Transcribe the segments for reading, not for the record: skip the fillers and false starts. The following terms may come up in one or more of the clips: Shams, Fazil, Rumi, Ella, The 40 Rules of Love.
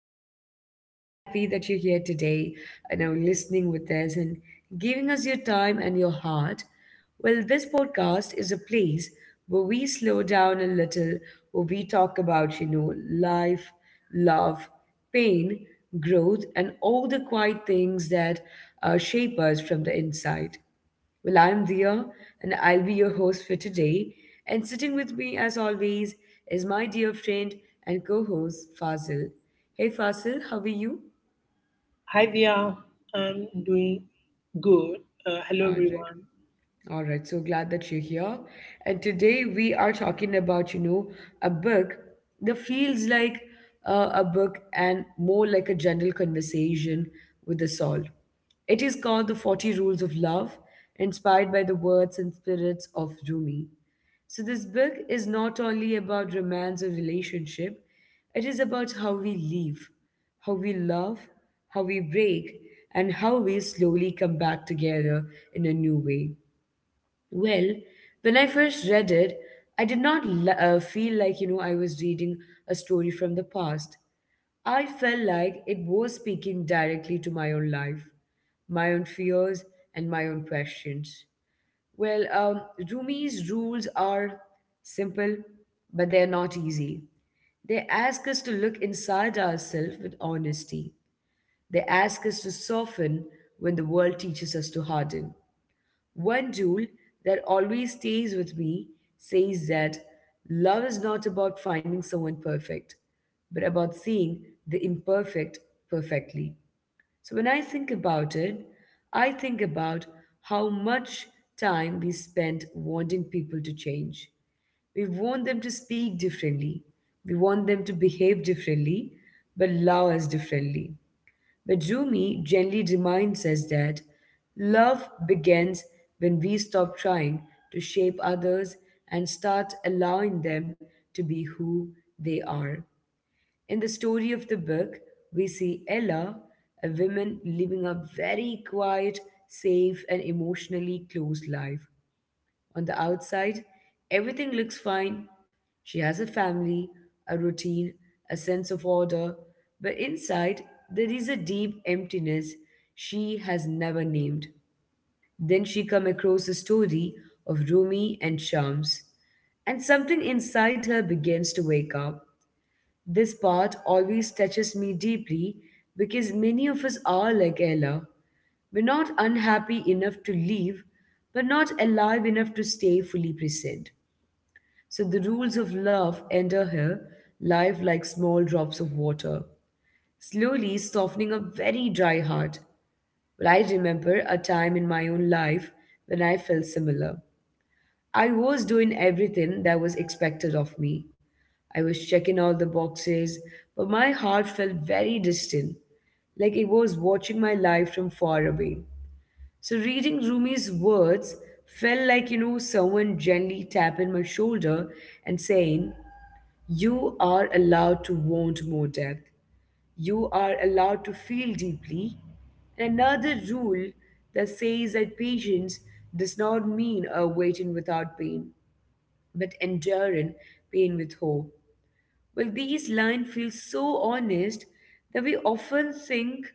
I am really happy that you're here today and are listening with us and giving us your time and your heart. This podcast is a place where we slow down a little, where we talk about, life, love, pain, growth, and all the quiet things that shape us from the inside. I'm Dia, and I'll be your host for today. And sitting with me, as always, is my dear friend and co host, Fazil. Hey, Fazil, how are you? Hi Via, I'm doing good. Hello All right. everyone. All right, so glad that you're here. And today we are talking about, a book that feels like a book and more like a general conversation with us all. It is called The 40 Rules of Love, inspired by the words and spirits of Rumi. So, this book is not only about romance or relationship, it is about how we live, how we love, how we break, and how we slowly come back together in a new way. Well, when I first read it, I did not feel like, I was reading a story from the past. I felt like it was speaking directly to my own life, my own fears, and my own questions. Well, um, Rumi's rules are simple, but they're not easy. They ask us to look inside ourselves with honesty. They ask us to soften when the world teaches us to harden. One rule that always stays with me says that love is not about finding someone perfect, but about seeing the imperfect perfectly. So when I think about it, I think about how much time we spend wanting people to change. We want them to speak differently. We want them to behave differently, but love us differently. But Rumi gently reminds us that love begins when we stop trying to shape others and start allowing them to be who they are. In the story of the book, we see Ella, a woman living a very quiet, safe, and emotionally closed life. On the outside, everything looks fine. She has a family, a routine, a sense of order, but inside, there is a deep emptiness she has never named. Then she come across a story of Rumi and Shams, and something inside her begins to wake up. This part always touches me deeply because many of us are like Ella. We're not unhappy enough to leave, but not alive enough to stay fully present. So the rules of love enter her life like small drops of water, slowly softening a very dry heart. But I remember a time in my own life when I felt similar. I was doing everything that was expected of me. I was checking all the boxes, but my heart felt very distant, like it was watching my life from far away. So reading Rumi's words felt like, someone gently tapping my shoulder and saying, You are allowed to want more depth. You are allowed to feel deeply. And another rule that says that patience does not mean a waiting without pain but enduring pain with hope. These lines feel so honest that we often think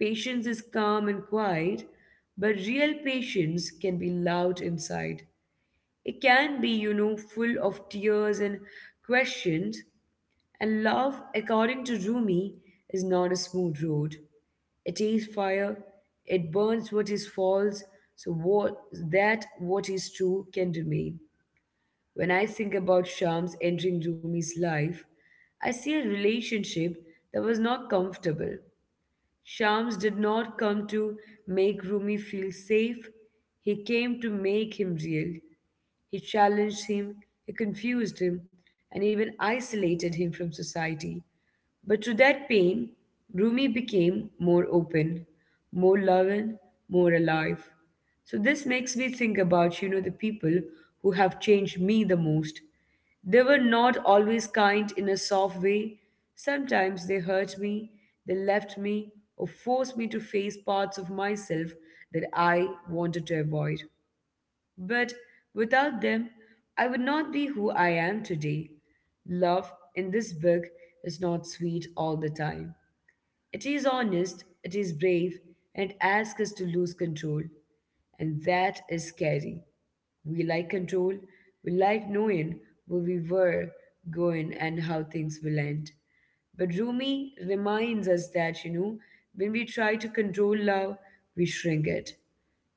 patience is calm and quiet, but real patience can be loud inside. It can be, full of tears and questions, and love, according to Rumi, is not a smooth road. It is fire. It burns what is false, so what that what is true can remain. When I think about Shams entering Rumi's life, I see a relationship that was not comfortable. Shams did not come to make Rumi feel safe, he came to make him real. He challenged him, he confused him, and even isolated him from society. But to that pain, Rumi became more open, more loving, more alive. So this makes me think about, the people who have changed me the most. They were not always kind in a soft way. Sometimes they hurt me, they left me, or forced me to face parts of myself that I wanted to avoid. But without them, I would not be who I am today. Love in this book is not sweet all the time. It is honest, it is brave, and it asks us to lose control. And that is scary. We like control. We like knowing where we were going and how things will end. But Rumi reminds us that, when we try to control love, we shrink it.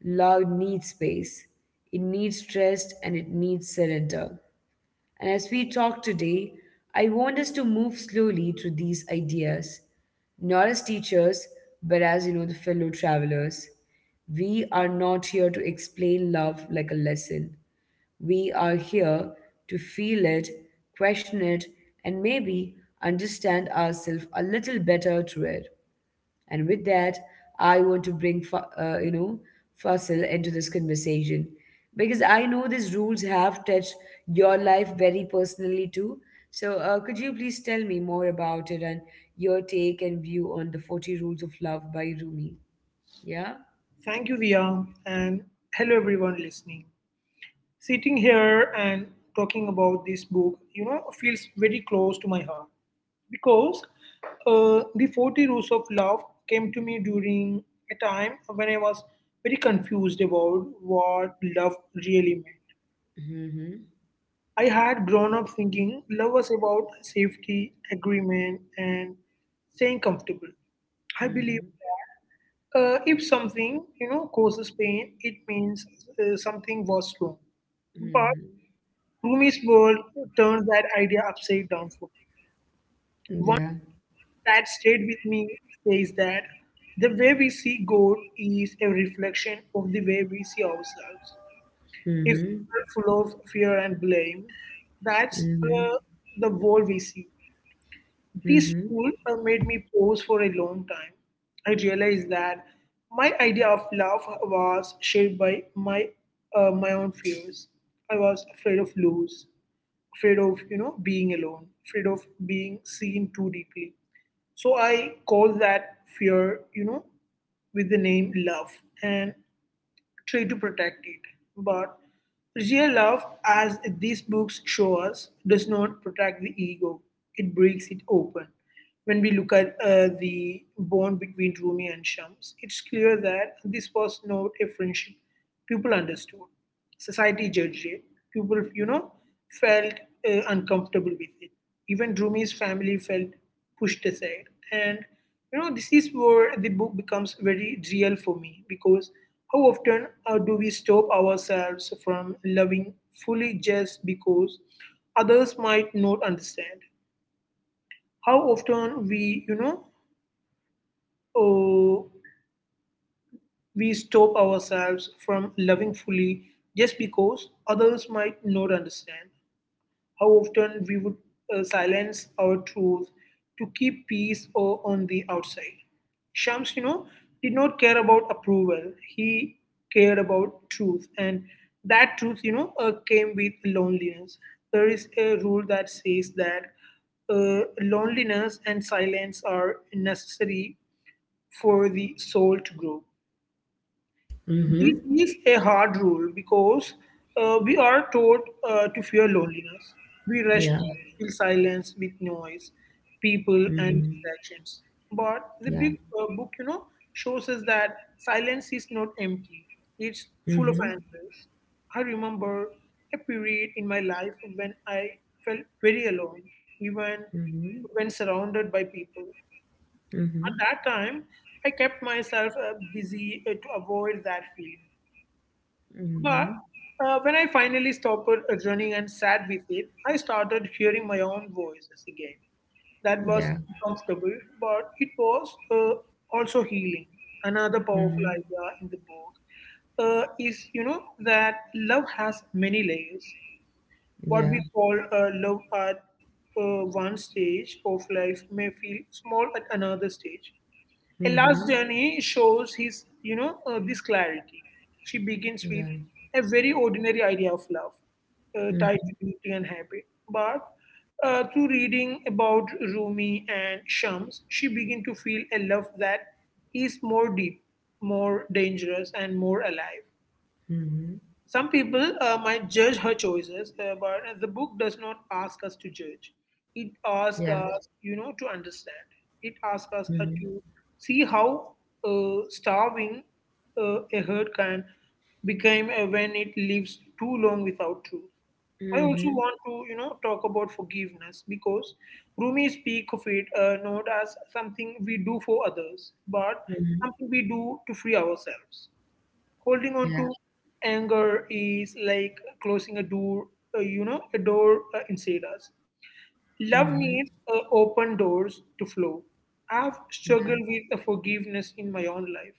Love needs space, it needs rest, and it needs surrender. And as we talk today, I want us to move slowly through these ideas, not as teachers, but as the fellow travelers. We are not here to explain love like a lesson. We are here to feel it, question it, and maybe understand ourselves a little better through it. And with that, I want to bring, Fasil into this conversation because I know these rules have touched your life very personally too. So, could you please tell me more about it and your take and view on the 40 Rules of Love by Rumi? Yeah? Thank you Via and hello everyone listening. Sitting here and talking about this book, you know, feels very close to my heart because the 40 Rules of Love came to me during a time when I was very confused about what love really meant. Mm-hmm. I had grown up thinking love was about safety, agreement, and staying comfortable. I believe Mm-hmm. if something you know causes pain, it means something was wrong. But Mm-hmm. Rumi's world turns that idea upside down for me. Yeah. One that stayed with me says that the way we see God is a reflection of the way we see ourselves. If we Mm-hmm. are full of fear and blame, that's Mm-hmm. uh, the world we see. This Mm-hmm. rule made me pause for a long time. I realized that my idea of love was shaped by my own fears. I was afraid of lose, afraid of you know being alone, afraid of being seen too deeply. So I called that fear, you know, with the name love, and try to protect it. But real love, as these books show us, does not protect the ego, it breaks it open. When we look at the bond between Rumi and Shams, it's clear that this was not a friendship. People understood, society judged it, people, you know, felt uncomfortable with it. Even Rumi's family felt pushed aside. And you know, this is where the book becomes very real for me because how often do we stop ourselves from loving fully just because others might not understand? How often uh, we stop ourselves from loving fully just because others might not understand. How often we would silence our truth to keep peace or on the outside. Shams, you know, did not care about approval. He cared about truth, and that truth, you know, came with loneliness. There is a rule that says that loneliness and silence are necessary for the soul to grow. Mm-hmm. This is a hard rule because we are taught to fear loneliness. We rush Yeah. to fill silence with noise, people, and Mm-hmm. distractions. But the Yeah. big book, you know, shows us that silence is not empty, it's full of Mm-hmm. answers. I remember a period in my life when I felt very alone, even Mm-hmm. when surrounded by people. Mm-hmm. At that time, I kept myself busy to avoid that feeling. Mm-hmm. But when I finally stopped running and sat with it, I started hearing my own voices again. That Yeah. was uncomfortable, but it was also healing. Another powerful Mm-hmm. idea in the book is, you know, that love has many layers. What Yeah. we call love at one stage of life may feel small at another stage. A last Mm-hmm. journey shows his, you know, this clarity. She begins Yeah. with a very ordinary idea of love, tied Mm-hmm. to beauty and habit. But through reading about Rumi and Shams, she begins to feel a love that is more deep, more dangerous, and more alive. Mm-hmm. Some people might judge her choices, but the book does not ask us to judge. It Yeah. asks us, you know, to understand. It asks us Mm-hmm. To see how starving a herd can become when it lives too long without truth. I also Mm-hmm. want to, you know, talk about forgiveness because Rumi speak of it not as something we do for others, but Mm-hmm. something we do to free ourselves. Holding on Yeah. to anger is like closing a door, you know, a door inside us. Mm-hmm. Love needs open doors to flow. I've Yeah. struggled with the forgiveness in my own life.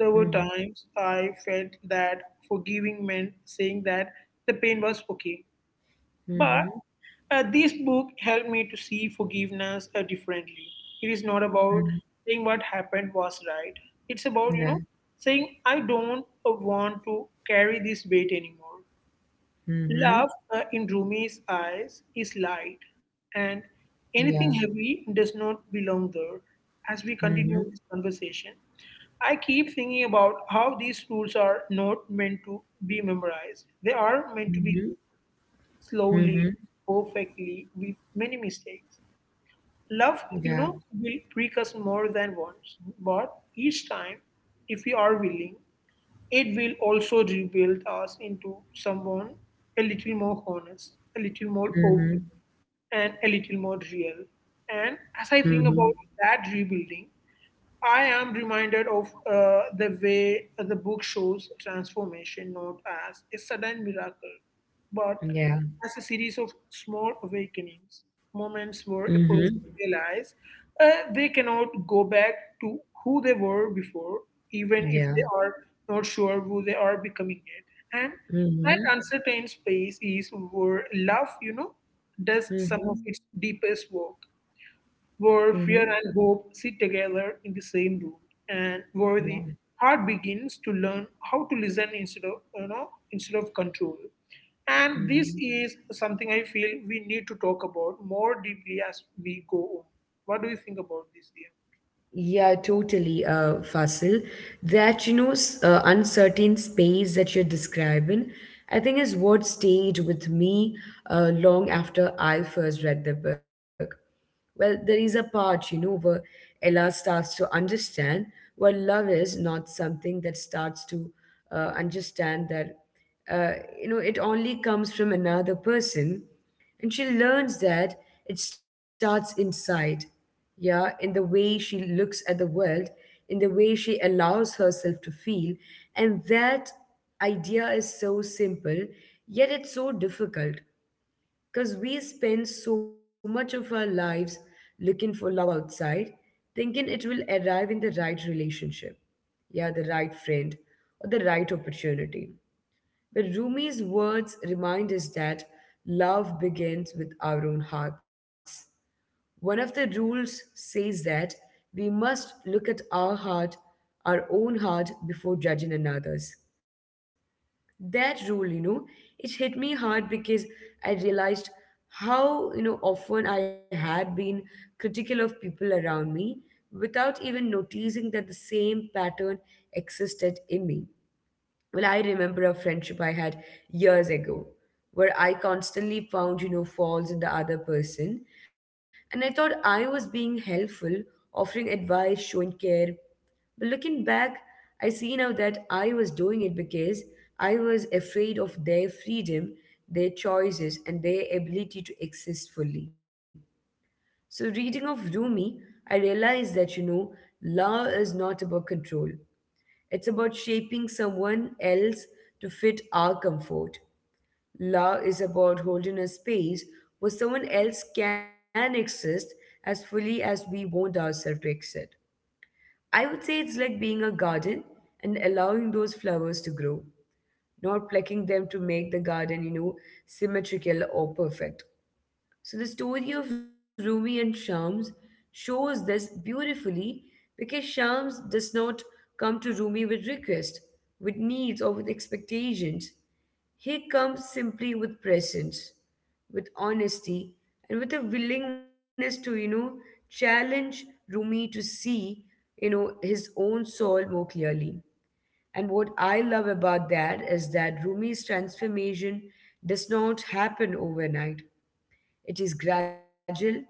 There were Mm-hmm. Mm-hmm. times I felt that forgiving meant saying that the pain was okay, but Mm-hmm. This book helped me to see forgiveness differently. It is not about saying what happened was right. It's about, you Yeah. know, saying, I don't want to carry this weight anymore. Mm-hmm. Love in Rumi's eyes is light, and Yeah. anything heavy does not belong there. As we Mm-hmm. continue this conversation, I keep thinking about how these rules are not meant to be memorized, they are meant to be Mm-hmm. lived slowly, Mm-hmm. perfectly, with many mistakes. Love, Yeah. you know, will break us more than once, but each time, if we are willing, it will also rebuild us into someone a little more honest, a little more Mm-hmm. open, and a little more real. And as I Mm-hmm. think about that rebuilding, I am reminded of the way the book shows transformation not as a sudden miracle, but Yeah. as a series of small awakenings, moments where a Mm-hmm. person realizes they cannot go back to who they were before, even if Yeah. they are not sure who they are becoming yet. And that Mm-hmm. uncertain space is where love, you know, does some Mm-hmm. of its deepest work where Mm-hmm. fear and hope sit together in the same room, and where the Yeah. heart begins to learn how to listen instead of you know instead of control. And this Mm-hmm. is something I feel we need to talk about more deeply as we go on. What do you think about this, dear? Yeah, totally, Fasil. That, you know, s- uncertain space that you're describing, I think is what stayed with me long after I first read the book. There is a part, where Ella starts to understand what love is, not something that starts to understand that, uh, it only comes from another person. And she learns that it starts inside. Yeah, in the way she looks at the world, in the way she allows herself to feel. And that idea is so simple, yet it's so difficult because we spend so much of our lives looking for love outside, thinking it will arrive in the right relationship, yeah, the right friend or the right opportunity. But Rumi's words remind us that love begins with our own hearts. One of the rules says that we must look at our heart, our own heart, before judging another's. That rule, it hit me hard because I realized how, often I had been critical of people around me without even noticing that the same pattern existed in me. I remember a friendship I had years ago where I constantly found, faults in the other person. And I thought I was being helpful, offering advice, showing care. But looking back, I see now that I was doing it because I was afraid of their freedom, their choices, and their ability to exist fully. So, reading of Rumi, I realized that, love is not about control. It's about shaping someone else to fit our comfort. Love is about holding a space where someone else can exist as fully as we want ourselves to exist. I would say it's like being a garden and allowing those flowers to grow, not plucking them to make the garden, symmetrical or perfect. So the story of Rumi and Shams shows this beautifully because Shams does not come to Rumi with requests, with needs, or with expectations. He comes simply with presence, with honesty, and with a willingness to, challenge Rumi to see, his own soul more clearly. And what I love about that is that Rumi's transformation does not happen overnight. It is gradual,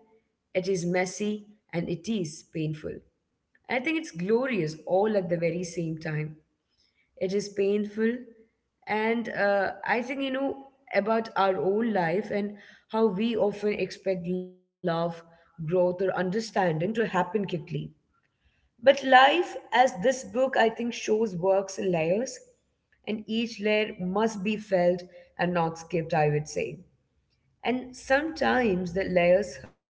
it is messy, and it is painful. I think it's glorious all at the very same time. It is painful, and I think, about our own life and how we often expect love, growth, or understanding to happen quickly. But life, as this book I think shows, works in layers, and each layer must be felt and not skipped, I would say. And sometimes the layers hurt,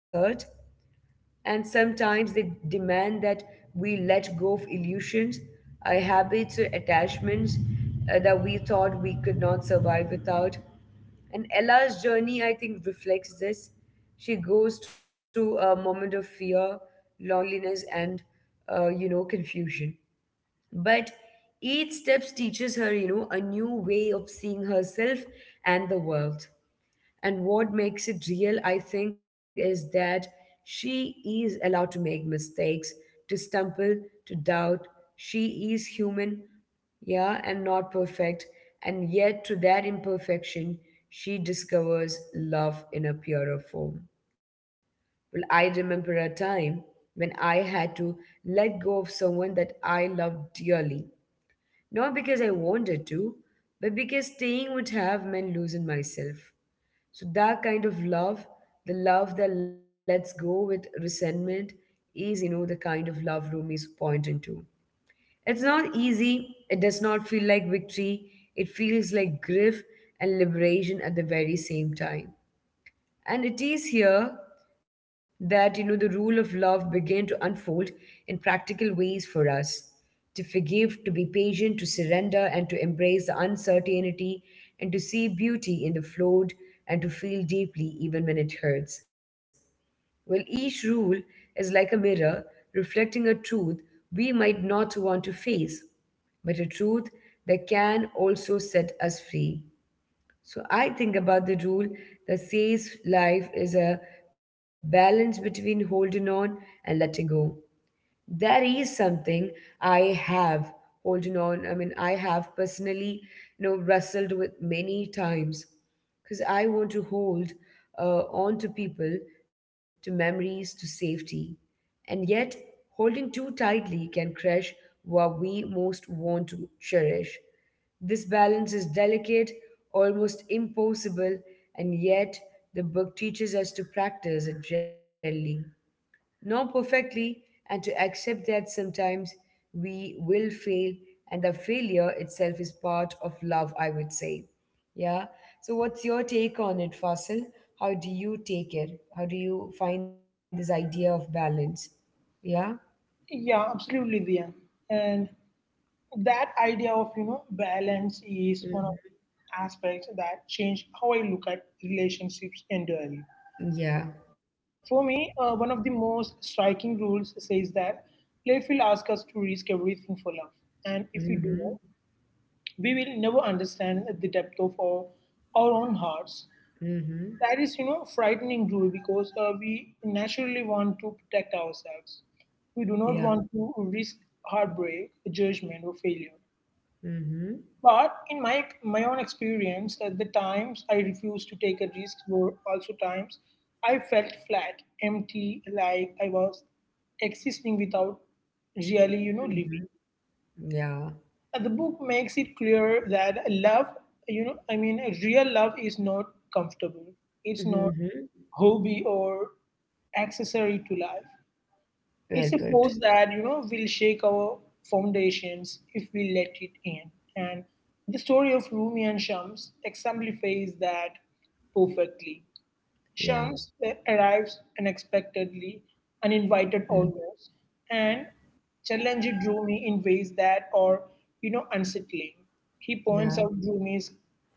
and sometimes they demand that we let go of illusions, our habits, or attachments that we thought we could not survive without. And Ella's journey, I think, reflects this. She goes through a moment of fear, loneliness, and, confusion. But each step teaches her, a new way of seeing herself and the world. And what makes it real, I think, is that she is allowed to make mistakes, to stumble, to doubt. She is human, yeah, and not perfect. And yet, to that imperfection, she discovers love in a purer form. I remember a time when I had to let go of someone that I loved dearly. Not because I wanted to, but because staying would have meant losing myself. So that kind of love, the love that lets go with resentment, is the kind of love Rumi is pointing to. It's not easy. It does not feel like victory. It feels like grief and liberation at the very same time. And it is here that the rule of love began to unfold in practical ways for us to forgive, to be patient, to surrender, and to embrace the uncertainty, and to see beauty in the flawed, and to feel deeply even when it hurts. Well, each rule is like a mirror reflecting a truth we might not want to face, but a truth that can also set us free. So I think about the rule that says life is a balance between holding on and letting go. There is something I have holding on. I mean, I have personally, wrestled with many times because I want to hold on to people, to memories, to safety. And yet, holding too tightly can crush what we most want to cherish. This balance is delicate, almost impossible, and yet the book teaches us to practice it gently, not perfectly, and to accept that sometimes we will fail and the failure itself is part of love, I would say. Yeah. So, what's your take on it, Fasil? How do you take it? How do you find this idea of balance? Yeah. Yeah, absolutely, Diya. And that idea of you know balance is one of Mhm. the aspects that change how I look at relationships entirely. Yeah. For me, one of the most striking rules says that life will ask us to risk everything for love. And if we do, Mm-hmm. not, we will never understand the depth of our own hearts. Mm-hmm. That is, you know, frightening rule because we naturally want to protect ourselves. We do Yeah. not want to risk heartbreak, judgment, or failure. Mm-hmm. But in my own experience, at the times I refused to take a risk were also times I felt flat, empty, like I was existing without really, you know, Mm-hmm. living. Yeah. The book makes it clear that love, you know, I mean, real love is not comfortable. It's not Mm-hmm. hobby or accessory to life. Well put. It's a force that, you know, will shake our foundations if we let it in. And the story of Rumi and Shams exemplifies that perfectly. Yeah. Shams arrives unexpectedly, Mm. uninvited almost, and challenged Rumi in ways that are, you know, unsettling. He points Yeah. out Rumi's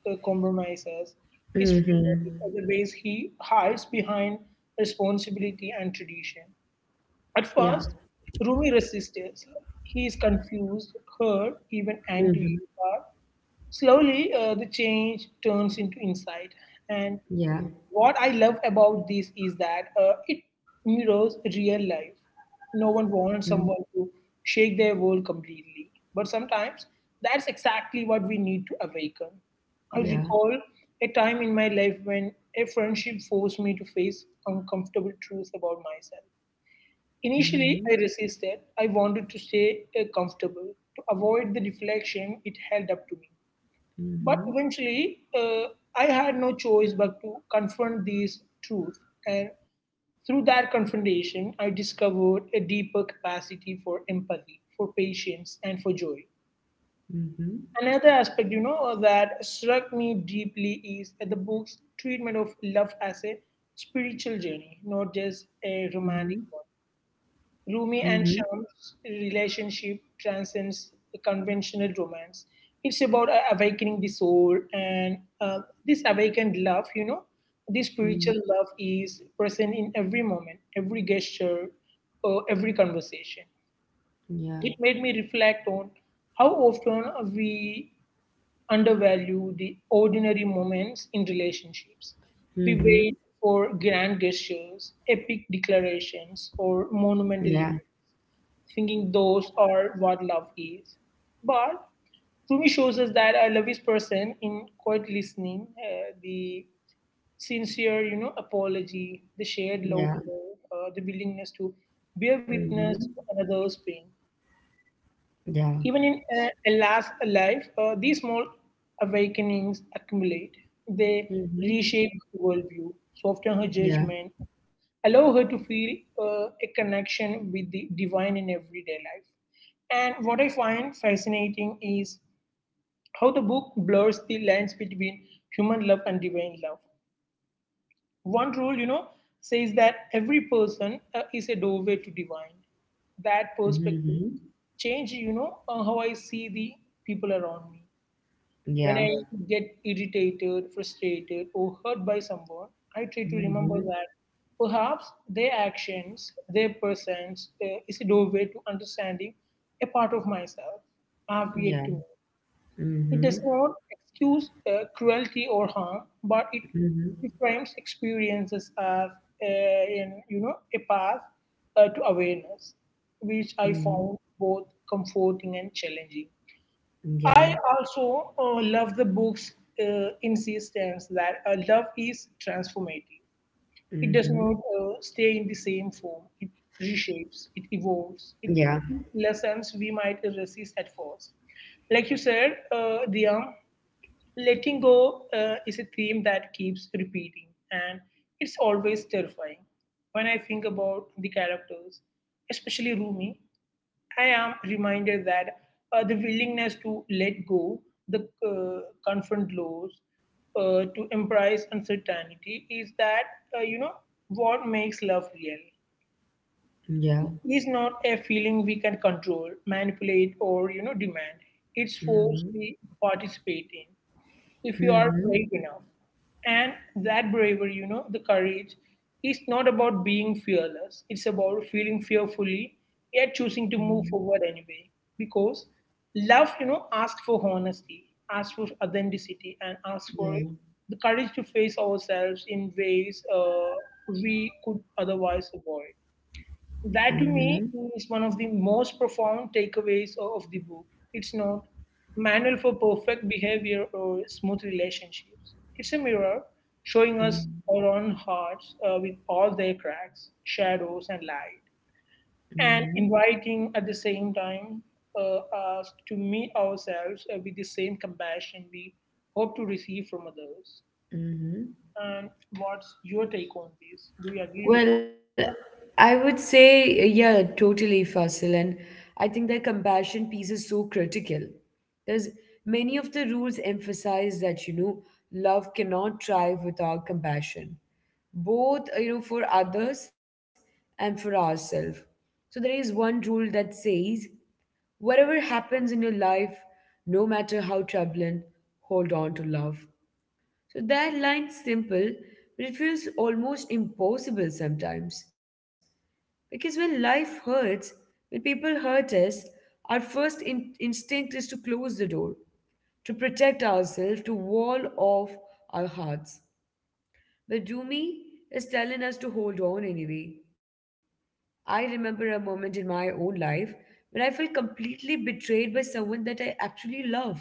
compromises, his Mm-hmm. fears, and the ways he hides behind responsibility and tradition. At Yeah. first, Rumi resists. He is confused, hurt, even angry. Mm-hmm. But slowly, the change turns into insight. And Yeah. what I love about this is that it mirrors real life. No one Mm. wants someone to shake their world completely. But sometimes that's exactly what we need to awaken. I Yeah. recall a time in my life when a friendship forced me to face uncomfortable truths about myself. Mhm. Initially, I resisted. I wanted to stay comfortable to avoid the reflection it held up to me. But Mhm. eventually, I had no choice but to confront these truths. And through that confrontation, I discovered a deeper capacity for empathy, for patience, and for joy. Mhm. Another aspect, you know, that struck me deeply is the book's treatment of love as a spiritual journey, not just Mhm. a romantic one. Rumi Mhm. and Sham's relationship transcends conventional romance. It's about awakening the soul, and this awakened love, you know, this spiritual Mhm. love is present in every moment, every gesture, every conversation. Yeah. It made me reflect on how often we undervalue the ordinary moments in relationships. We Mhm. wait for grand gestures, epic declarations, or Yeah. monumental events thinking those are what love is. But Rumi shows us that a love is person in quiet listening, the sincere, you know, apology, the shared love, Yeah. The willingness to Mhm. bear witness to another's pain. Yeah. Even in Ella's life, these small awakenings accumulate. They Mhm. reshape her worldview, soften her Yeah. judgment, allow her to feel a connection with the divine in everyday life. And what I find fascinating is how the book blurs the lines between human love and divine love. One rule, you know, says that every person is a doorway to divine. That Mhm. perspective change, you know, how I see the people around me. Yeah. When I get irritated, frustrated, or hurt by someone, I try to remember Mhm. that perhaps their actions, their presence is a doorway to understanding a part of myself I've Yeah. yet to meet. It does Mhm. not excuse cruelty or harm, but it Mhm. reframes experiences as a path to awareness, which I Mhm. found both comforting and challenging. Yeah. I also love the book's insistence that love is transformative. It does Mhm. not stay in the same form. It reshapes, it evolves, Yeah. it lessons we might resist at first. Like you said, Diya, letting go is a theme that keeps repeating and it's always terrifying. When I think about the characters, especially Rumi, I am reminded that the willingness to let go, the confront loss, to embrace uncertainty is that uh, you know what makes love real Yeah. is not a feeling we can control, manipulate, or demand. It's force Mhm. we participate in if you are Mhm. brave enough. And that bravery, you know, the courage, is not about being fearless. It's about feeling fearfully yet choosing to Mhm. move forward anyway. Because love, you know, asks for honesty, asks for authenticity, and asks for Yeah. the courage to face ourselves in ways we could otherwise avoid. That to me Mhm. is one of the most profound takeaways of the book. It's not manual for perfect behavior or smooth relationships. It's a mirror showing us our Mhm. own hearts with all their cracks, shadows, and light, and Mhm. inviting at the same time uh, us to meet ourselves with the same compassion we hope to receive from others. Mhm. And what's your take on this? Do you agree with? Well, I would say, yeah, totally, Fasil. And I think that compassion piece is so critical because many of the rules emphasize that, love cannot thrive without compassion, both, for others and for ourselves. So there is one rule that says, whatever happens in your life, no matter how troubling, hold on to love. So that line's simple, but it feels almost impossible sometimes. Because when life hurts, when people hurt us, our first instinct is to close the door, to protect ourselves, to wall off our hearts. But Dumi is telling us to hold on anyway. I remember a moment in my own life when I felt completely betrayed by someone that I actually love.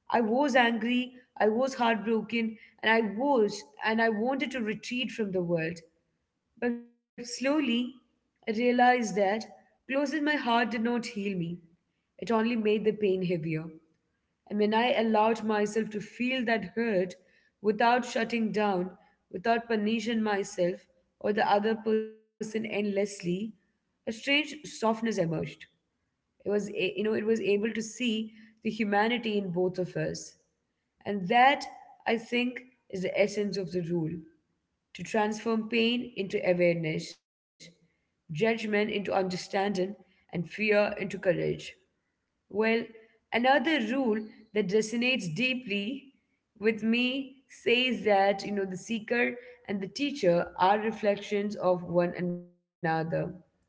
I was angry, I was heartbroken, and I wanted to retreat from the world. But slowly, I realized that closing my heart did not heal me. It only made the pain heavier. And when I allowed myself to feel that hurt without shutting down, without punishing myself or the other person endlessly, a strange softness emerged. It was, a- you know, it was able to see the humanity in both of us. And that, I think, is the essence of the rule to transform pain into awareness, judgment into understanding, and fear into courage. Well, another rule that resonates deeply with me says that, the seeker and the teacher are reflections of one another.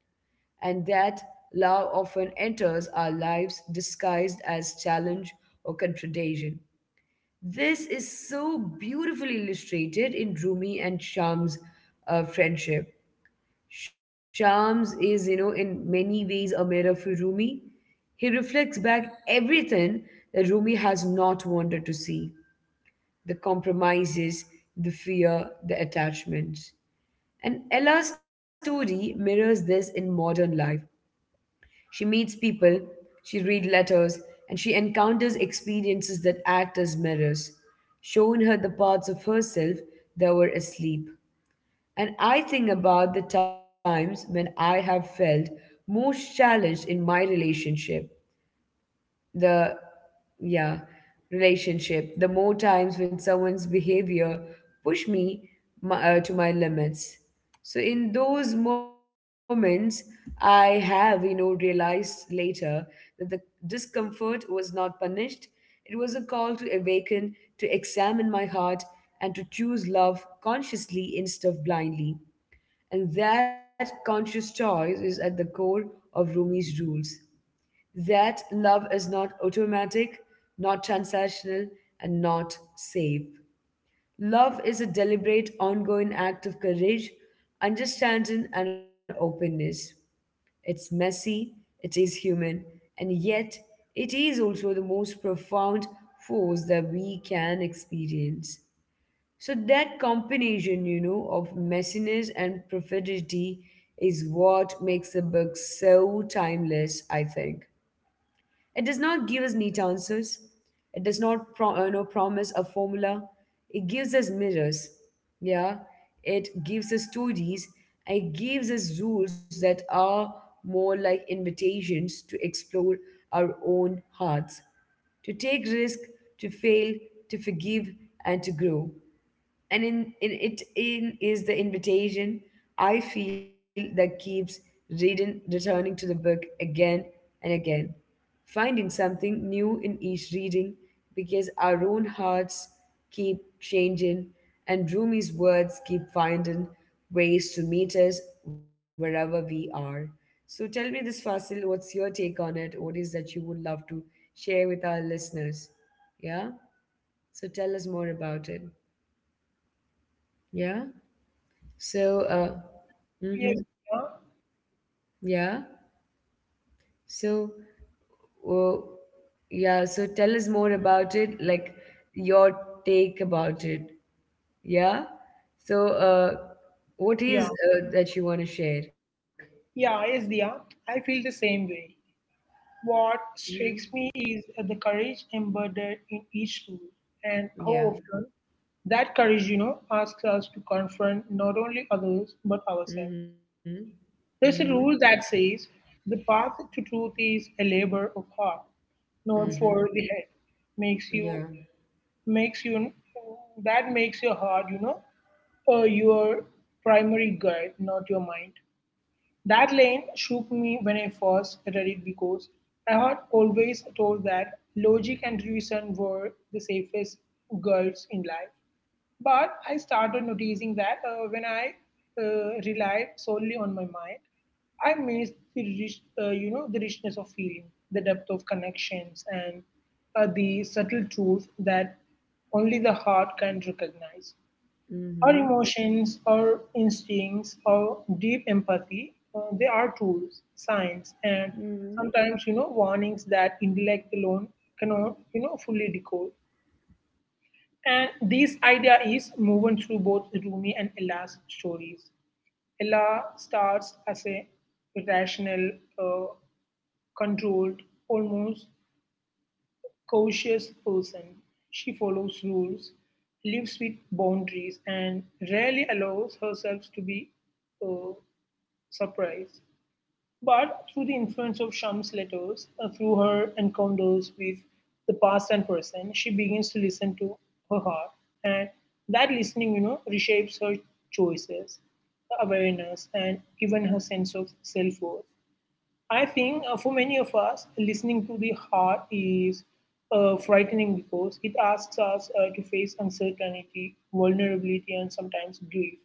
And that love often enters our lives disguised as challenge or contradiction. This is so beautifully illustrated in Rumi and Shams' friendship. Shams is, in many ways a mirror for Rumi. He reflects back everything that Rumi has not wanted to see, the compromises, the fear, the attachments. And Ella's story mirrors this in modern life. She meets people, she reads letters, and she encounters experiences that act as mirrors, showing her the parts of herself that were asleep. And I think about the times when I have felt most challenged in my relationship, the yeah relationship, the more times when someone's behavior push me to my limits. So in those moments, I have realized later that the discomfort was not punished. It was a call to awaken, to examine my heart, and to choose love consciously instead of blindly. And that conscious choice is at the core of Rumi's rules, that love is not automatic, not transactional, and not safe. Love is a deliberate, ongoing act of courage, understanding, and openness. It's messy, it is human, and yet it is also the most profound force that we can experience. So, that combination, of messiness and profundity is what makes the book so timeless, I think. It does not give us neat answers. It does not promise a formula. It gives us mirrors. Yeah. It gives us stories. It gives us rules that are more like invitations to explore our own hearts, to take risk, to fail, to forgive, and to grow, and in it in is the invitation, I feel, that keeps reading returning to the book again and again, finding something new in each reading because our own hearts keep changing and Rumi's words keep finding ways to meet us wherever we are. So tell me this, Fasil, what's your take on it? What is that you would love to share with our listeners? Yeah? So tell us more about it. Yeah? So, Yes. mm-hmm, yeah. So, oh, yeah. So, tell us more about it, like your take about it. Yeah. So, what is Yeah. That you want to share? Yeah, yes, Diya, I feel the same way. What Mm-hmm. strikes me is the courage embedded in each rule, and how Yeah. often that courage, you know, asks us to confront not only others but ourselves. Mm-hmm. Mm-hmm. There's a rule that says the path to truth is a labor of heart, not Mm-hmm. for the head. Makes you, Yeah. makes you, that makes your heart, you know, your primary guide, not your mind. That line shook me when I first read it because I had always thought that logic and reason were the safest girls in life. But I started noticing that when I relied solely on my mind, I missed the rich, the richness of feeling, the depth of connections, and the subtle truth that only the heart can recognize. Our Mm-hmm. emotions, our instincts, our deep empathy, they are tools, signs, and Mm-hmm. sometimes, you know, warnings that intellect alone cannot, fully decode. And this idea is woven through both Rumi and Ella's stories. Ella starts as a rational, uh, controlled, almost cautious person. She follows rules, lives with boundaries, and rarely allows herself to be uh, surprised. But through the influence of Sham's letters, through her encounters with the past and present, she begins to listen to her heart. And that listening, you know, reshapes her choices, her awareness, and even her sense of self worth. I think for many of us, listening to the heart is frightening because it asks us to face uncertainty, vulnerability, and sometimes grief.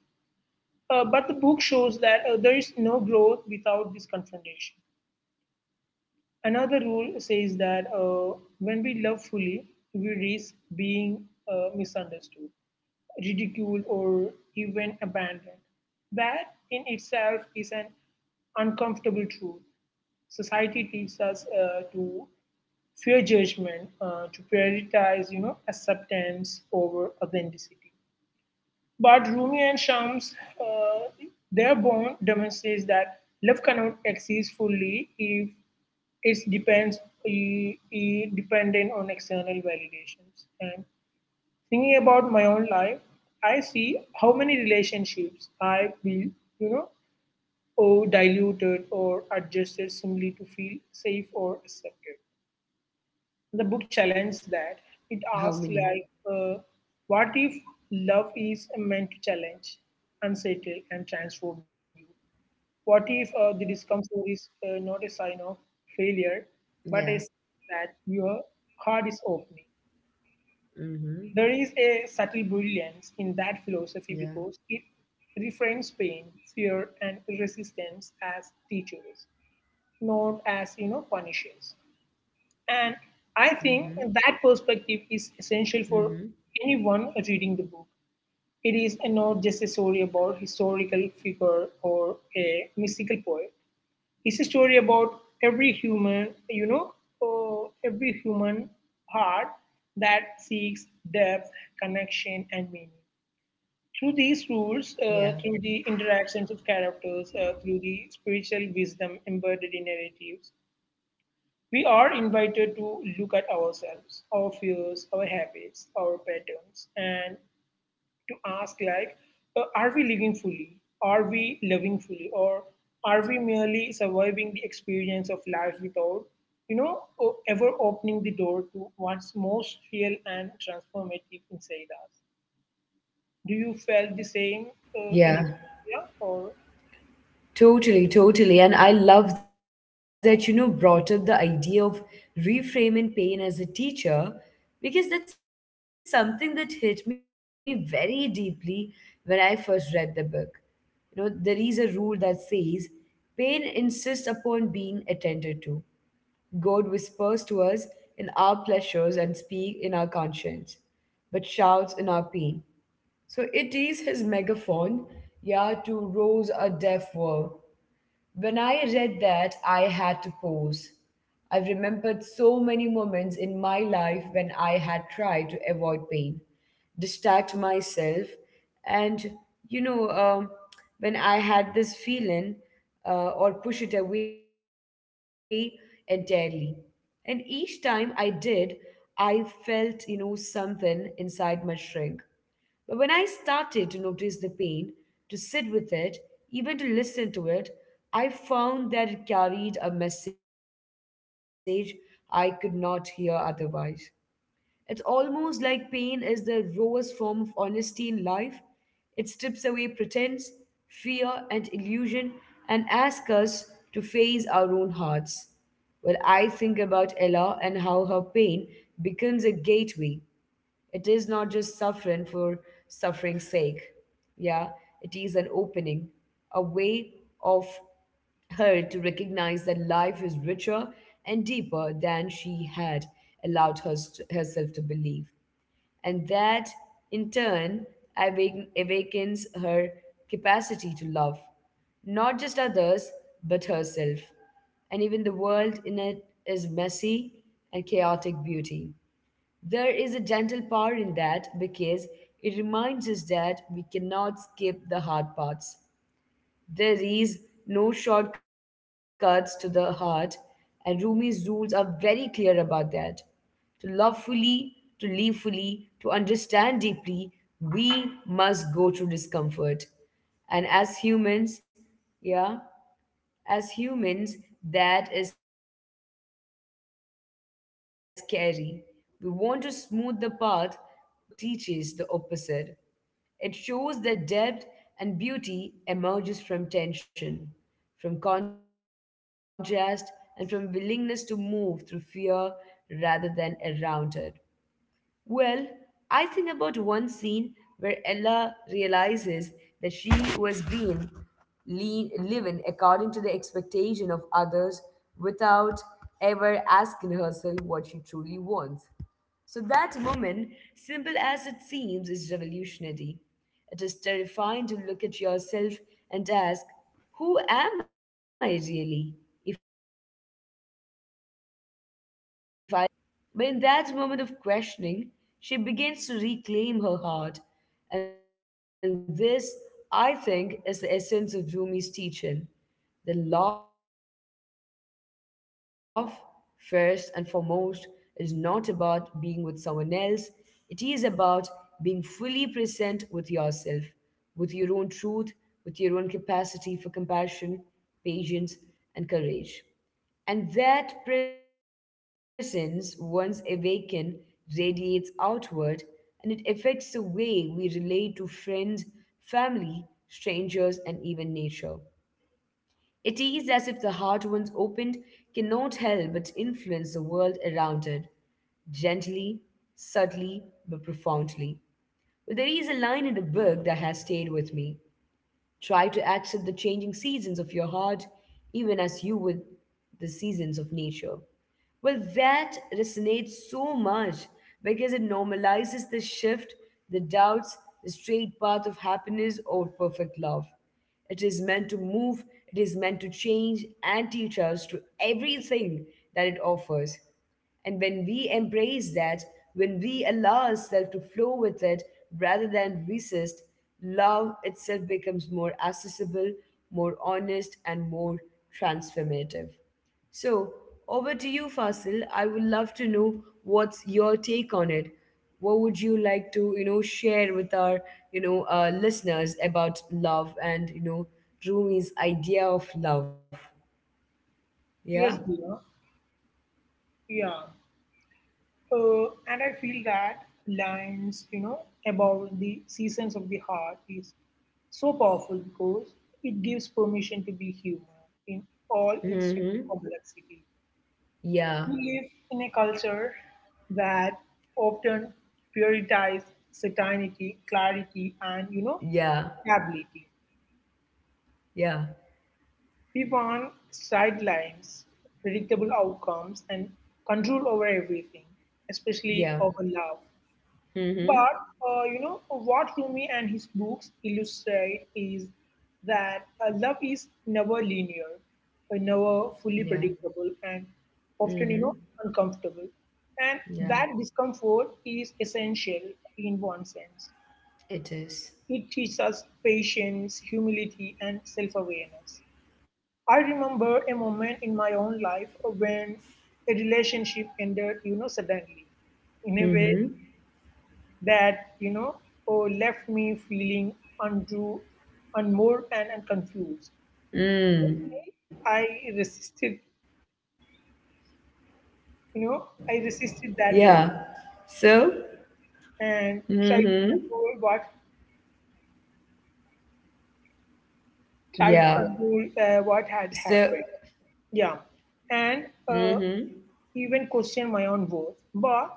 But the book shows that there is no growth without this confrontation. Another rule says that when we love fully, we risk being misunderstood, ridiculed, or even abandoned. That in itself is an uncomfortable truth. Society teaches us to fear judgment, to prioritize, you know, acceptance over authenticity. But Rumi and Shams, uh, their bond demonstrates that love cannot exist fully if it depends dependent on external validations. And thinking about my own life, I see how many relationships I feel, you know, or diluted or adjusted simply to feel safe or accepted. How The book many? challenged that. It asked, what if love is meant to challenge, unsettle, and transform you? What if the Yeah. discomfort is not a sign of failure, but a sign that Mm-hmm. your heart is opening? There Yeah. is a subtle brilliance in that philosophy because it reframes pain, fear, and resistance as teachers, not as Mm-hmm. punishers. And I Mm-hmm. think that perspective is essential for anyone reading the book. It is not just a story about historical figure or a mystical poet. It's a story about every human, every human heart that seeks depth, connection, and meaning. Through these rules, Yeah. Through the interactions of characters, through the spiritual wisdom embedded in narratives, we are invited to look at ourselves, our fears, our habits, our patterns, and to ask are we living fully? Are we loving fully? Or are we merely surviving the experience of life without, ever opening the door to what's most real and transformative inside us? Do you feel the same, uh, Yeah. any, yeah, or Totally, totally. And I love that, brought up the idea of reframing pain as a teacher, because that's something that hit me very deeply when I first read the book. There is a rule that says pain insists upon being attended to. God whispers to us in our pleasures and speak in our conscience, but shouts in our pain. So it is his megaphone, yeah, to rouse our deaf world. When I read that, I had to pause. I remembered so many moments in my life when I had tried to avoid pain, distract myself, and you know, um, when I had this feeling, or push it away entirely. And each time I did, I felt, something inside my shrink. But when I started to notice the pain, to sit with it, even to listen to it, I found that it carried a message I could not hear otherwise. It's almost like pain is the rawest form of honesty in life. It strips away pretense, fear, and illusion and asks us to face our own hearts. Well, I think about Ella and how her pain becomes a gateway. It is not just suffering for suffering's sake. Yeah, it is an opening, a way of her to recognize that life is richer and deeper than she had allowed herself to believe. And that, in turn, awakens her capacity to love, not just others, but herself and even the world in it is messy and chaotic beauty. There is a gentle power in that because it reminds us that we cannot skip the hard parts. There is no shortcuts to the heart, and Rumi's rules are very clear about that. To love fully, to live fully, to understand deeply, we must go through discomfort. And as humans, yeah, as humans, that is scary. We want to smooth the path, the easy answers, the quick fixes, but the book teaches the opposite. It shows that depth and beauty emerges from tension, from contrast, and from willingness to move through fear rather than around it. Well, I think about one scene where Ella realizes that she was being living according to the expectation of others without ever asking herself what she truly wants. So that moment, simple as it seems, is revolutionary. It is terrifying to look at yourself and ask, who am I really? If I let go of all the roles I play, all the masks I wear, but in that moment of questioning, she begins to reclaim her heart. And this, I think, is the essence of Rumi's teaching. The love, first and foremost, is not about being with someone else, it is about being fully present with yourself, with your own truth, with your own capacity for compassion, patience, and courage. And that presence, once awakened, radiates outward and it affects the way we relate to friends, family, strangers, and even nature. It is as if the heart, once opened, cannot help but influence the world around it, gently, subtly, but profoundly. Well, there is a line in the book that has stayed with me. Try to accept the changing seasons of your heart, even as you would the seasons of nature. Well, that resonates so much because it normalizes the shift, the doubts, the straight path of happiness or perfect love. It is meant to move, it is meant to change and teach us to everything that it offers. And when we embrace that, when we allow ourselves to flow with it rather than resist, love itself becomes more accessible, more honest, and more transformative. So, over to you, Fasil. I would love to know what's your take on it. What would you like to, share with our, listeners about love and, Rumi's idea of love? Yeah. yes, Dina, yeah. And I feel that lines, you know, about the seasons of the heart is so powerful because it gives permission to be human in all its Mm-hmm. complexity. We Yeah. live in a culture that often prioritizes certainty, clarity, and Yeah. stability. Yeah. We want straight lines, predictable outcomes, and control over everything, especially over love. Yeah. But Mm-hmm. What Rumi and his books illustrate is that love is never linear, never fully predictable, Yeah. and often Mm-hmm. uncomfortable. And that discomfort Yeah. is essential in one sense. It teaches us It is. patience, humility, and self-awareness. I remember a moment in my own life when a relationship ended, you know, suddenly in a way Mm-hmm. that left me feeling untrue, unmoored, and confused. Okay, I resisted, Mm. you know, I resisted that load Yeah. So. and tried to Mm-hmm. control what tried to Yeah. control what had So. happened. Yeah, and Mm-hmm. even question my own worth. But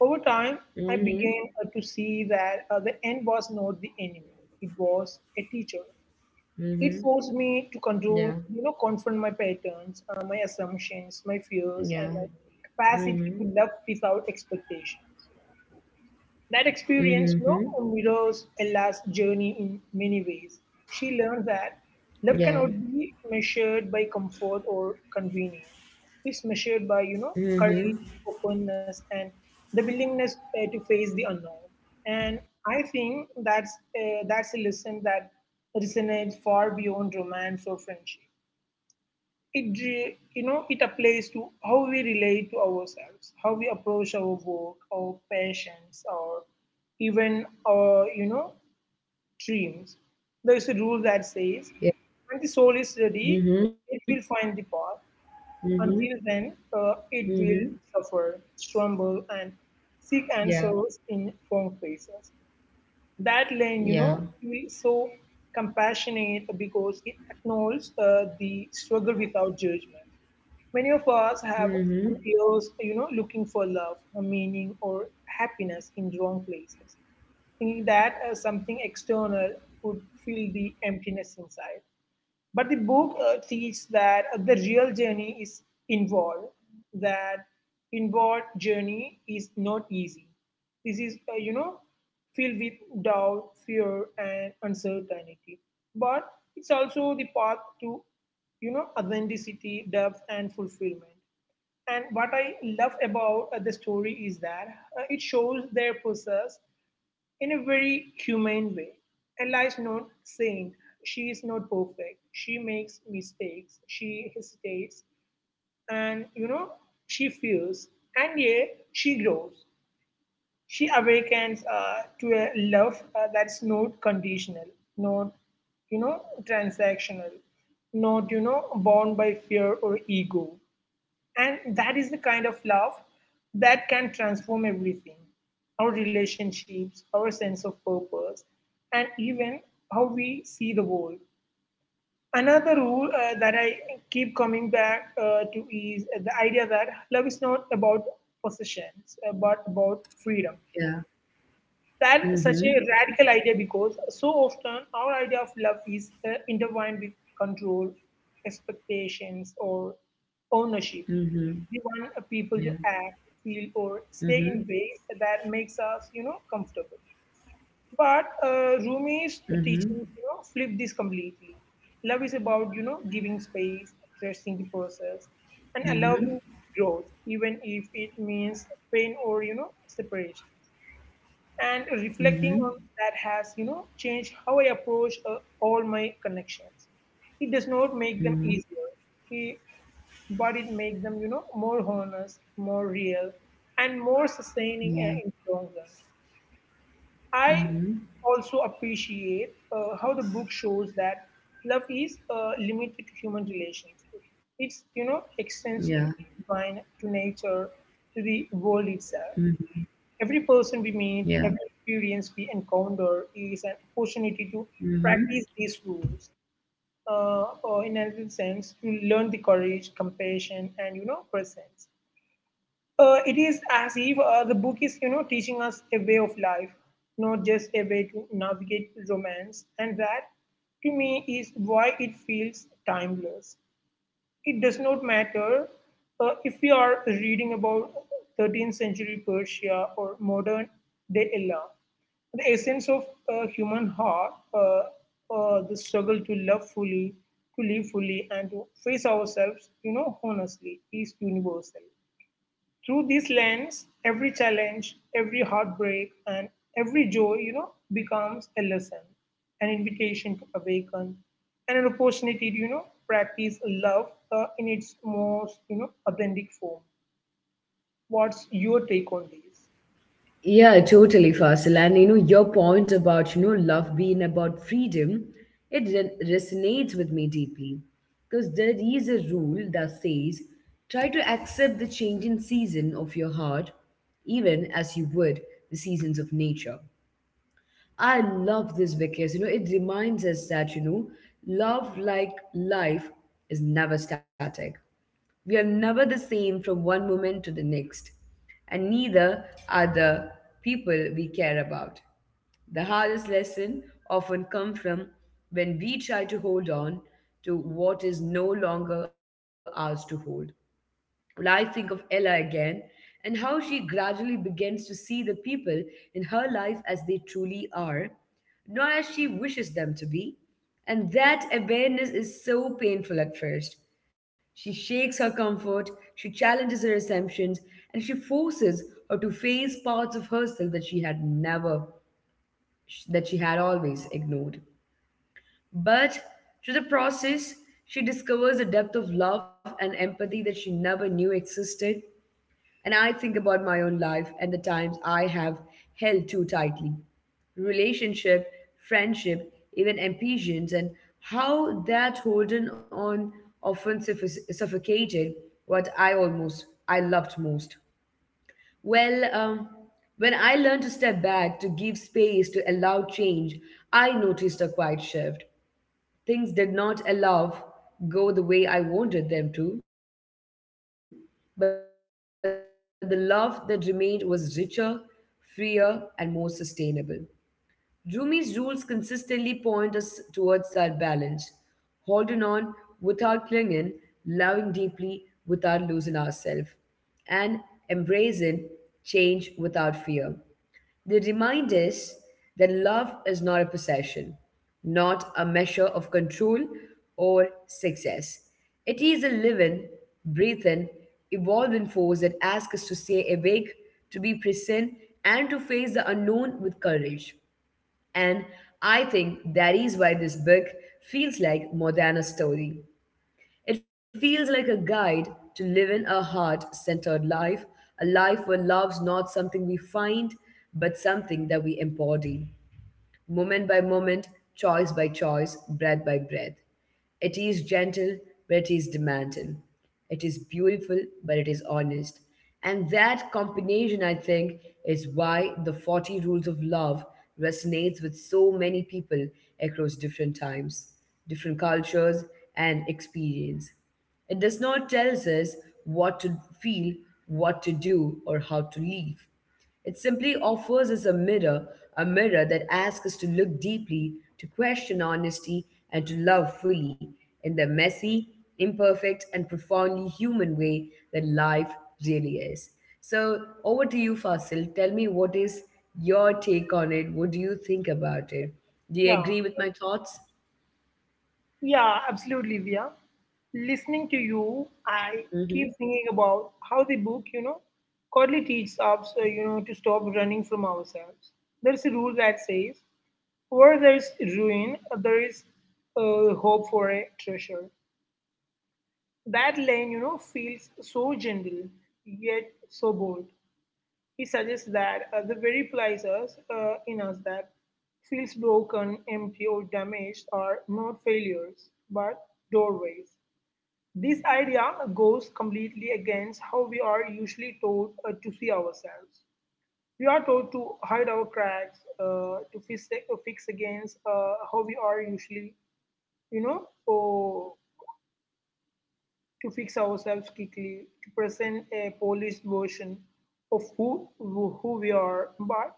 over time, I Mm-hmm. began to see that the end was not the enemy; it was a teacher. It forced me to control, Yeah. you know, confront my patterns, my assumptions, my fears, and my Yeah. capacity to Mm-hmm. love without expectations. That experience you know, mirrors Ella's journey in many ways. She learned that love cannot Yeah. be measured by comfort or convenience. It's measured by, you know, courage, openness, and the willingness to face the unknown. And I think that's a lesson that resonates far beyond romance or friendship. You know it applies to how we relate to ourselves, how we approach our work, our passions, or even our dreams. There is a rule that says when the Yeah. soul is ready, it Mm-hmm. will find the path. Mm-hmm. Until then, it will Mm-hmm. suffer, stumble, and seek Yeah. answers in wrong places that line, you know, Yeah. feels so compassionate because it acknowledges the struggle without judgment. Many of us have spent Mm-hmm. years, you know, looking for love, or meaning, or happiness in wrong places, thinking that something external could fill the emptiness inside. But the book teaches that the real journey is involved, that inward journey is not easy. This is, filled with doubt, fear, and uncertainty. But it's also the path to, you know, authenticity, depth, and fulfillment. And what I love about the story is that it shows their process in a very humane way. Ella is not saint. She is not perfect. She makes mistakes. She hesitates. And, you know, she fears. And yet, she grows. She awakens to a love that's not conditional, not, you know, transactional, not, bound by fear or ego. And that is the kind of love that can transform everything our relationships, our sense of purpose, and even how we see the world. Another rule that I keep coming back to is the idea that love is not about possessions, but about freedom. Yeah. That's such Mm-hmm. a radical idea because so often our idea of love is intertwined with control, expectations, Mm-hmm. or Yeah. ownership. We want people to Mm-hmm. act, feel, or stay in ways that makes us, comfortable. But Mm-hmm. Rumi's teachings, flip this completely. Love is about, giving space, trusting the process, and allowing growth, even if it means pain or, separations and Mm-hmm. reflecting on that has changed how I approach all my connections it does not make them Mm-hmm. easier it, but it makes them more honest more real and more sustaining Yeah. In the long run I Mm-hmm. also appreciate how the book shows that love is limited to human relations it's Yeah. extends to divine to nature to the world itself. Mm-hmm. Every person we Yeah. meet, every experience we encounter is an opportunity to Hmm. practice these rules. Or in another sense, to learn the courage, compassion, and presence. It is as if the book is teaching us a way of life, not just a way to navigate romance, and that to me is why it feels timeless. It does not matter if we are reading about 13th century Persia or modern day Ella. The essence of human heart, the struggle to love fully, to live fully, and to face ourselves, you know, honestly, is universal. Through this lens, every challenge, every heartbreak, and every joy, you know, becomes a lesson, an invitation to awaken, and an opportunity to, practice love in its most, authentic form. What's your take on this? Yeah, totally, Fasil. And your point about, love being about freedom, it resonates with me deeply. Because there is a rule that says try to accept the changing season of your heart, even as you would the seasons of nature. I love this because, it reminds us that, love, like life, is never static. We are never the same from one moment to the next, and neither are the people we care about. The hardest lesson often come from when we try to hold on to what is no longer ours to hold. Well, I think of Ella again and how she gradually begins to see the people in her life as they truly are, not as she wishes them to be. And that awareness is so painful at first. She shakes her comfort, she challenges her assumptions, and she forces her to face parts of herself that she had never, that she had always ignored. But through the process, she discovers a depth of love and empathy that she never knew existed. And I think about my own life and the times I have held too tightly. Relationship, friendship, even ambitions, and how that holding on often suffocated what I loved most. Well, when I learned to step back, to give space, to allow change, I noticed a quiet shift. Things did not allow go the way I wanted them to, but the love that remained was richer, freer, and more sustainable. Rumi's rules consistently point us towards that balance, holding on without clinging, loving deeply without losing ourselves, and embracing change without fear. They remind us that love is not a possession, not a measure of control or success. It is a living, breathing, evolving force that asks us to stay awake, to be present, and to face the unknown with courage. And I think that is why this book feels like more than a story. It feels like a guide to living a heart centered life, a life where love's not something we find, but something that we embody moment by moment, choice by choice, breath by breath. It is gentle, but it is demanding. It is beautiful, but it is honest. And that combination, I think, is why the 40 Rules of Love resonates with so many people across different times, different cultures, and experience. It does not tell us what to feel, what to do, or how to live. It simply offers us a mirror that asks us to look deeply, to question honesty, and to love fully in the messy, imperfect, and profoundly human way that life really is. So, over to you, Fasil. Tell me what is your take on it? What do you think about it? Do you Yeah, agree with my thoughts? yeah, Absolutely, Via. Listening to you, Mm-hmm. I keep thinking about how the book, Codley teaches us, to stop running from ourselves. There's a rule that says, where there is ruin, there is hope for a treasure. That line, feels so gentle, yet so bold. He suggests that the very places in us that feels broken, empty, or damaged are not failures, but doorways. This idea goes completely against how we are usually taught to see ourselves. We are taught to hide our cracks, to fix, fix against how we are usually you know, or to fix ourselves quickly, to present a polished version of who we are. But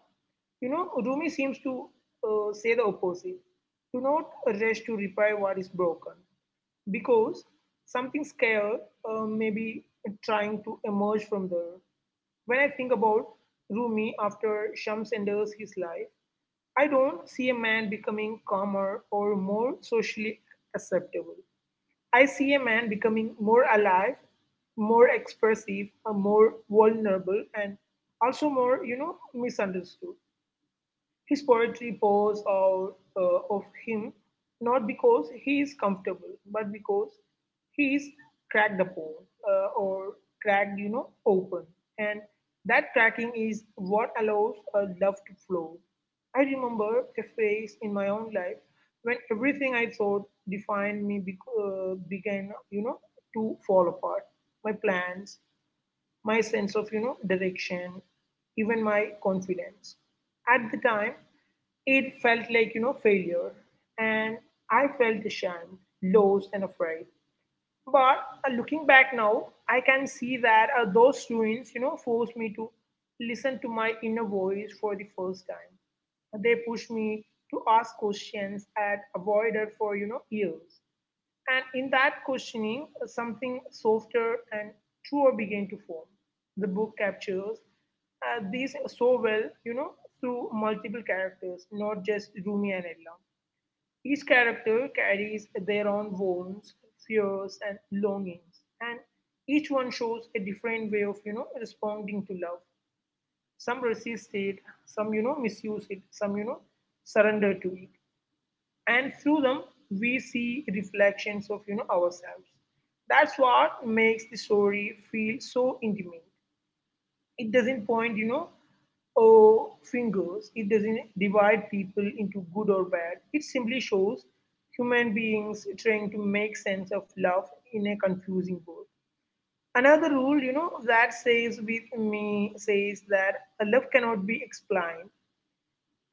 Rumi seems to say the opposite. Do not rush to repair what is broken, because something scared may be trying to emerge from there. When I think about Rumi after Shams enters his life, I don't see a man becoming calmer or more socially acceptable. I see a man becoming more alive, more expressive, more vulnerable, and also more, misunderstood. His poetry pours out of him not because he is comfortable, but because he is cracked upon or cracked, open. And that cracking is what allows a love to flow. I remember a phase in my own life when everything I thought defined me began, to fall apart. My plans, my sense of direction, even my confidence. At the time it felt like failure, and I felt ashamed, lost, and afraid. But looking back now, I can see that those ruins forced me to listen to my inner voice for the first time. They pushed me to ask questions I'd avoided for years, and in that questioning, something softer and truer began to form. The book captures these so well, through multiple characters, not just Rumi and Ella. Each character carries their own wounds, fears, and longings, and each one shows a different way of, responding to love. Some resist it, some, misuse it, some, surrender to it. And through them we see reflections of ourselves. That's what makes the story feel so intimate. It doesn't point, oh, fingers. It doesn't divide people into good or bad. It simply shows human beings trying to make sense of love in a confusing world. Another rule that says with me says that a love cannot be explained.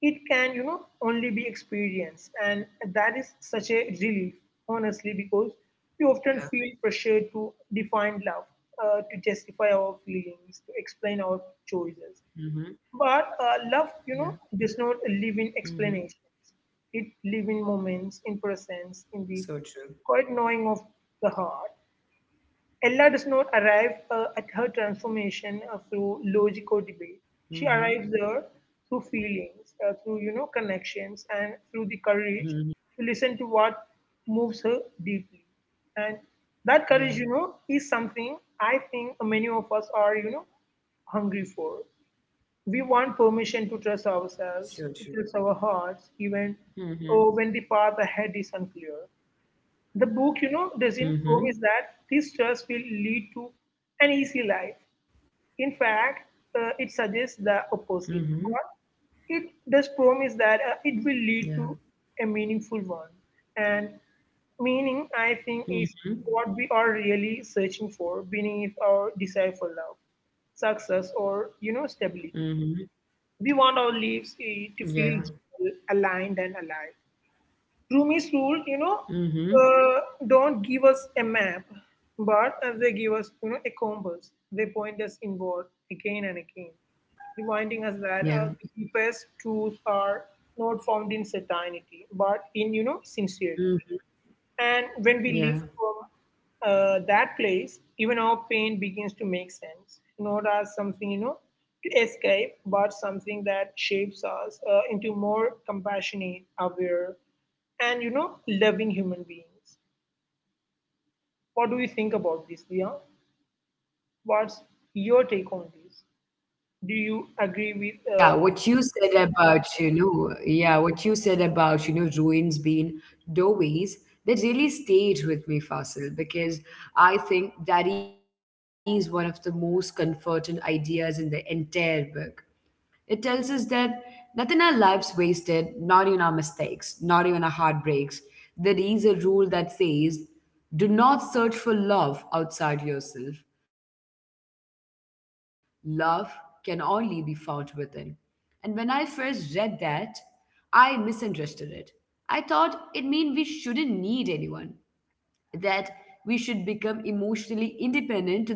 It can only be experienced, and that is such a relief, honestly, because we often feel Yeah. pressure to define love, to justify our feelings, to Mm-hmm. explain our choices. Yeah. But love Mm-hmm. does not live in explanations. It lives in moments, in So true. presence, in the quiet knowing of the heart. Ella does not arrive at Mm-hmm. her transformation through logic or debate. She arrives there through feelings, Mm-hmm. Through connections, and through the courage to listen to what moves her deeply. And that courage, is Yeah. something I think many of us are hungry for. We want permission to trust So ourselves, true. to trust our hearts, even Mm-hmm. oh, when the path ahead is unclear. The book, doesn't promise that Mm-hmm. this stress will lead to an easy life. In fact, it suggests Mm-hmm. the opposite. But it does promise that Yeah. it will lead to a meaningful one. And meaning, I think, is Mm-hmm. what we are really searching for beneath our desire for love, success, or stability. Mm-hmm. We want our lives, eh, to Yeah. feel aligned and alive. Rumi's rule, Mm-hmm. uh, don't give us a map, but they give us, a compass. Mm-hmm. They point us inward again and again, Hmm. reminding us that the deepest Yeah. truths are not found in certainty, but in, sincerity. And Mm. when we live from Yeah. That place, even our pain begins to make sense, not as something, to escape, but something that shapes us into more compassionate, aware, and, loving human beings. What do you think about this, Dia? What's your take Yeah, on this? totally, totally. Do you agree See, with, yeah, what you said about, you know, yeah, what you said about, you know, ruins being doorways, that really stayed with me, Fasil, because I think that is one of the most comforting ideas in the entire book. It tells us that nothing in our lives wasted, not even our mistakes, not even our heartbreaks. There is a rule that says do not search for love outside yourself. Love can only be found within. And when I first read that, I misunderstood it. I thought it meant we shouldn't need anyone that we should become emotionally independent to the point of detachment.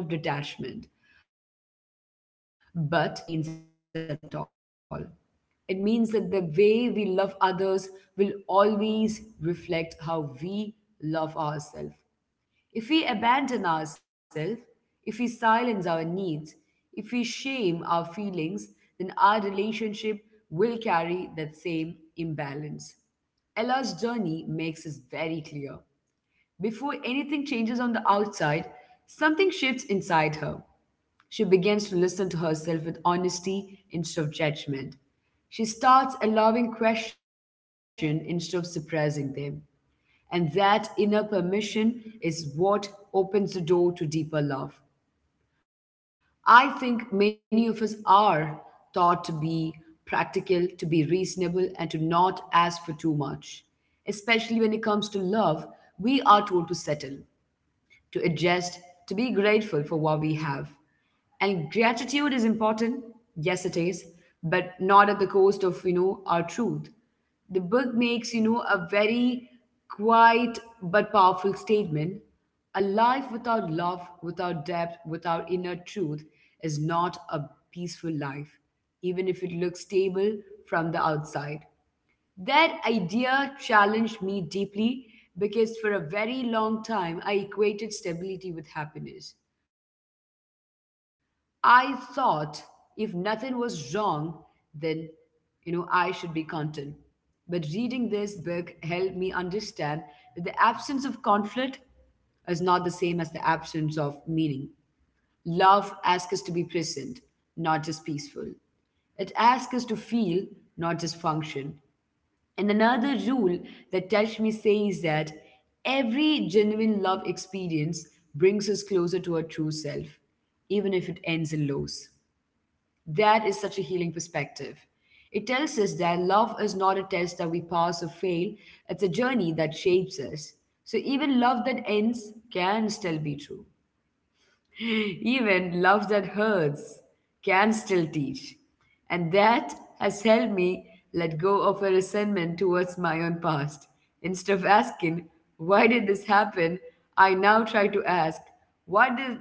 But over time, I realized that it is not what it means at all. It means that the way we love others will always reflect how we love ourselves. If we abandon ourselves, if we silence our needs, if we shame our feelings, then our relationship will carry that same imbalance. Ella's journey makes this very clear. Before anything changes on the outside, something shifts inside her. She begins to listen to herself with honesty instead of judgment. She starts allowing questions instead of suppressing them. And that inner permission is what opens the door to deeper love. I think many of us are taught to be practical, to be reasonable, and to not ask for too much. Especially when it comes to love, we are told to settle to adjust, to be grateful for what we have. And gratitude is important, yes, it is, but not at the cost of, our truth. The book makes, a very quiet but powerful statement. A life without love, without depth, without inner truth is not a peaceful life, even if it looks stable from the outside. That idea challenged me deeply because for a very long time I equated stability with happiness. I thought if nothing was wrong, then, I should be content. But reading this book helped me understand that the absence of conflict is not the same as the absence of meaning. Love asks us to be present, not just peaceful. It asks us to feel, not just function. And another rule that touched me says that every genuine love experience brings us closer to our true self, even if it ends in loss. That is such a healing perspective. It tells us that love is not a test that we pass or fail, it's a journey that shapes us. So even love that ends can still be true. Even love that hurts can still teach. And that has helped me let go of a resentment towards my own past. Instead of asking, why did this happen? I now try to ask, what did,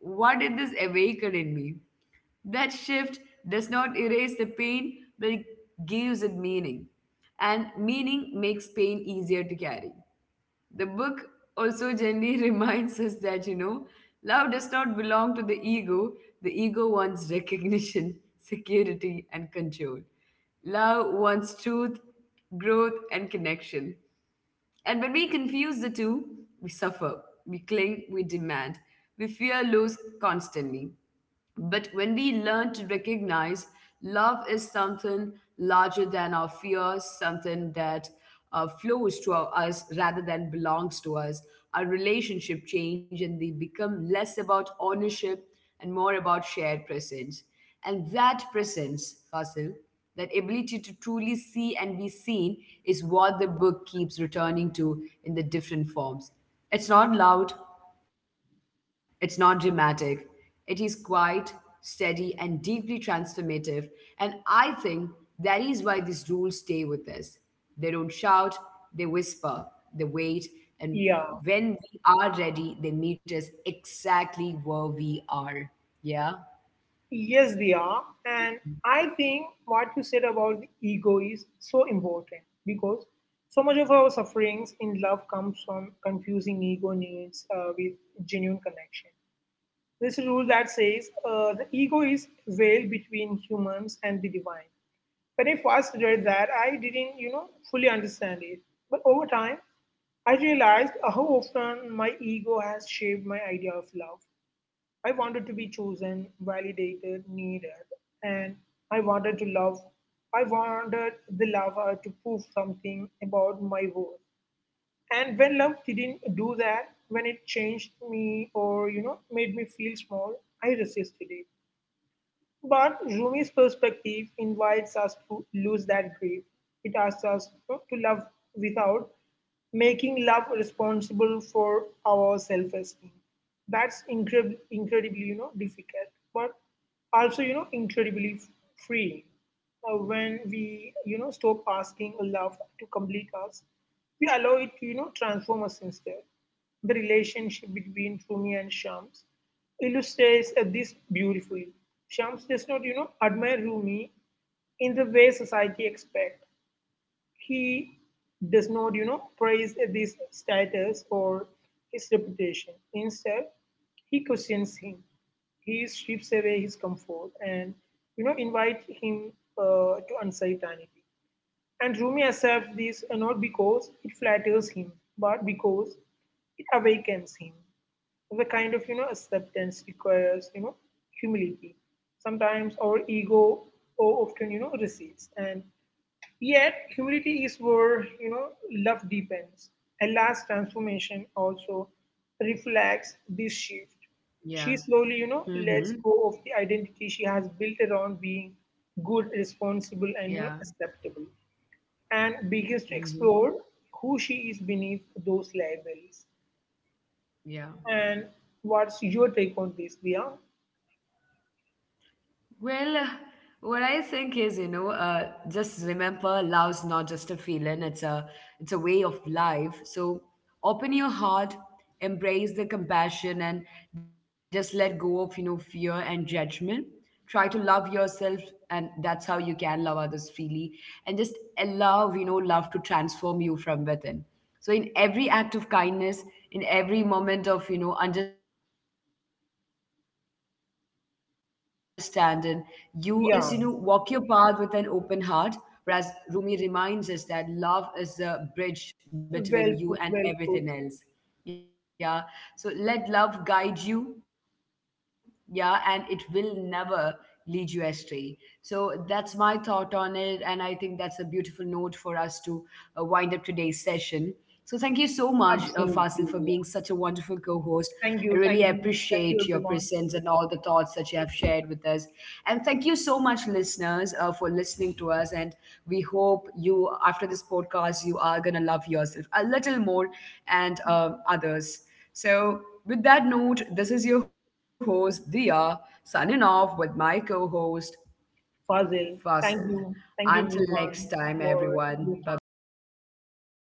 what did this awaken in me? That shift does not erase the pain, but it gives it meaning. And meaning makes pain easier to carry. The book also gently reminds us that, love does not belong to the ego. The ego wants recognition, security, and control. Love wants truth, growth, and connection. And when we confuse the two, we suffer, we cling, we demand, we fear loss constantly. But when we learn to recognize love is something larger than our fears, something that flows to our, us rather than belongs to us, our relationship change and they become less about ownership and more about shared presence. And that presence, Fasil, that ability to truly see and be seen is what the book keeps returning to in the different forms. It's not loud, it's not dramatic, it is quiet, steady, and deeply transformative. And I think that is why these rules stay with us. They don't shout, they whisper, they wait, and yeah, when we are ready, they meet us exactly where we are. Yeah? yes, they are. And I think what you said about the ego is so important because so much of our sufferings in love comes from confusing ego needs with genuine connection. This rule that says the ego is veil between humans and the divine. When I first read that, I didn't, fully understand it. But over time, I realized how often my ego has shaped my idea of love. I wanted to be chosen, validated, needed, and I wanted to love. I wanted the lover to prove something about my worth. And when love didn't do that, when it changed me or made me feel small, I resisted it. But Rumi's perspective invites us to lose that grip. It asks us, to love without making love responsible for our self-esteem. That's incredibly, incredibly, difficult, but also, incredibly freeing. When we, stop asking love to complete us, we allow it to, transform us instead. The relationship between Rumi and Shams illustrates this beautifully. Shams does not, admire Rumi in the way society expects. He does not, praise this status or his reputation. Instead, he questions him. He strips away his comfort and, invite him to uncertainty. And Rumi accepts this not because it flatters him, but because it awakens him. The kind of acceptance requires humility. Sometimes our ego often recedes, and yet humility is where love deepens. Ella's transformation also reflects this shift. She Yeah. slowly lets go Mm-hmm. of the identity she has built around being good, responsible, and Yeah. acceptable, and begins to explore who she is beneath those labels. Yeah. And what's your take on this, Dia? Well, what I think is, just remember love's not just a feeling, it's a way of life. So open your heart, embrace the compassion and just let go of, fear and judgment. Try to love yourself and that's how you can love others freely and just allow, love to transform you from within. So in every act of kindness, in every moment of, understanding, you are living the true essence of love. So I would Yeah, say just, walk your path with an open heart. Whereas Rumi reminds us that love is the well bridge put, between well you put. and everything else. Yeah. So let love guide you. Yeah. And it will never lead you astray. So that's my thought on it. And I think that's a beautiful note for us to wind up today's session. So thank you so much, Absolutely, Fasil, for Dia. being such a wonderful co-host. Thank I you, thank really you, thank you, appreciate your everyone. presence and all the thoughts that you have shared with us. And thank you so much, listeners, for listening to us. And we hope you, after this podcast, you are gonna love yourself a little more and others. So with that note, this is your host Dia signing off with my co-host Fazil, Fasil. Until thank you, next everyone, time, for everyone. Bye your time. bye.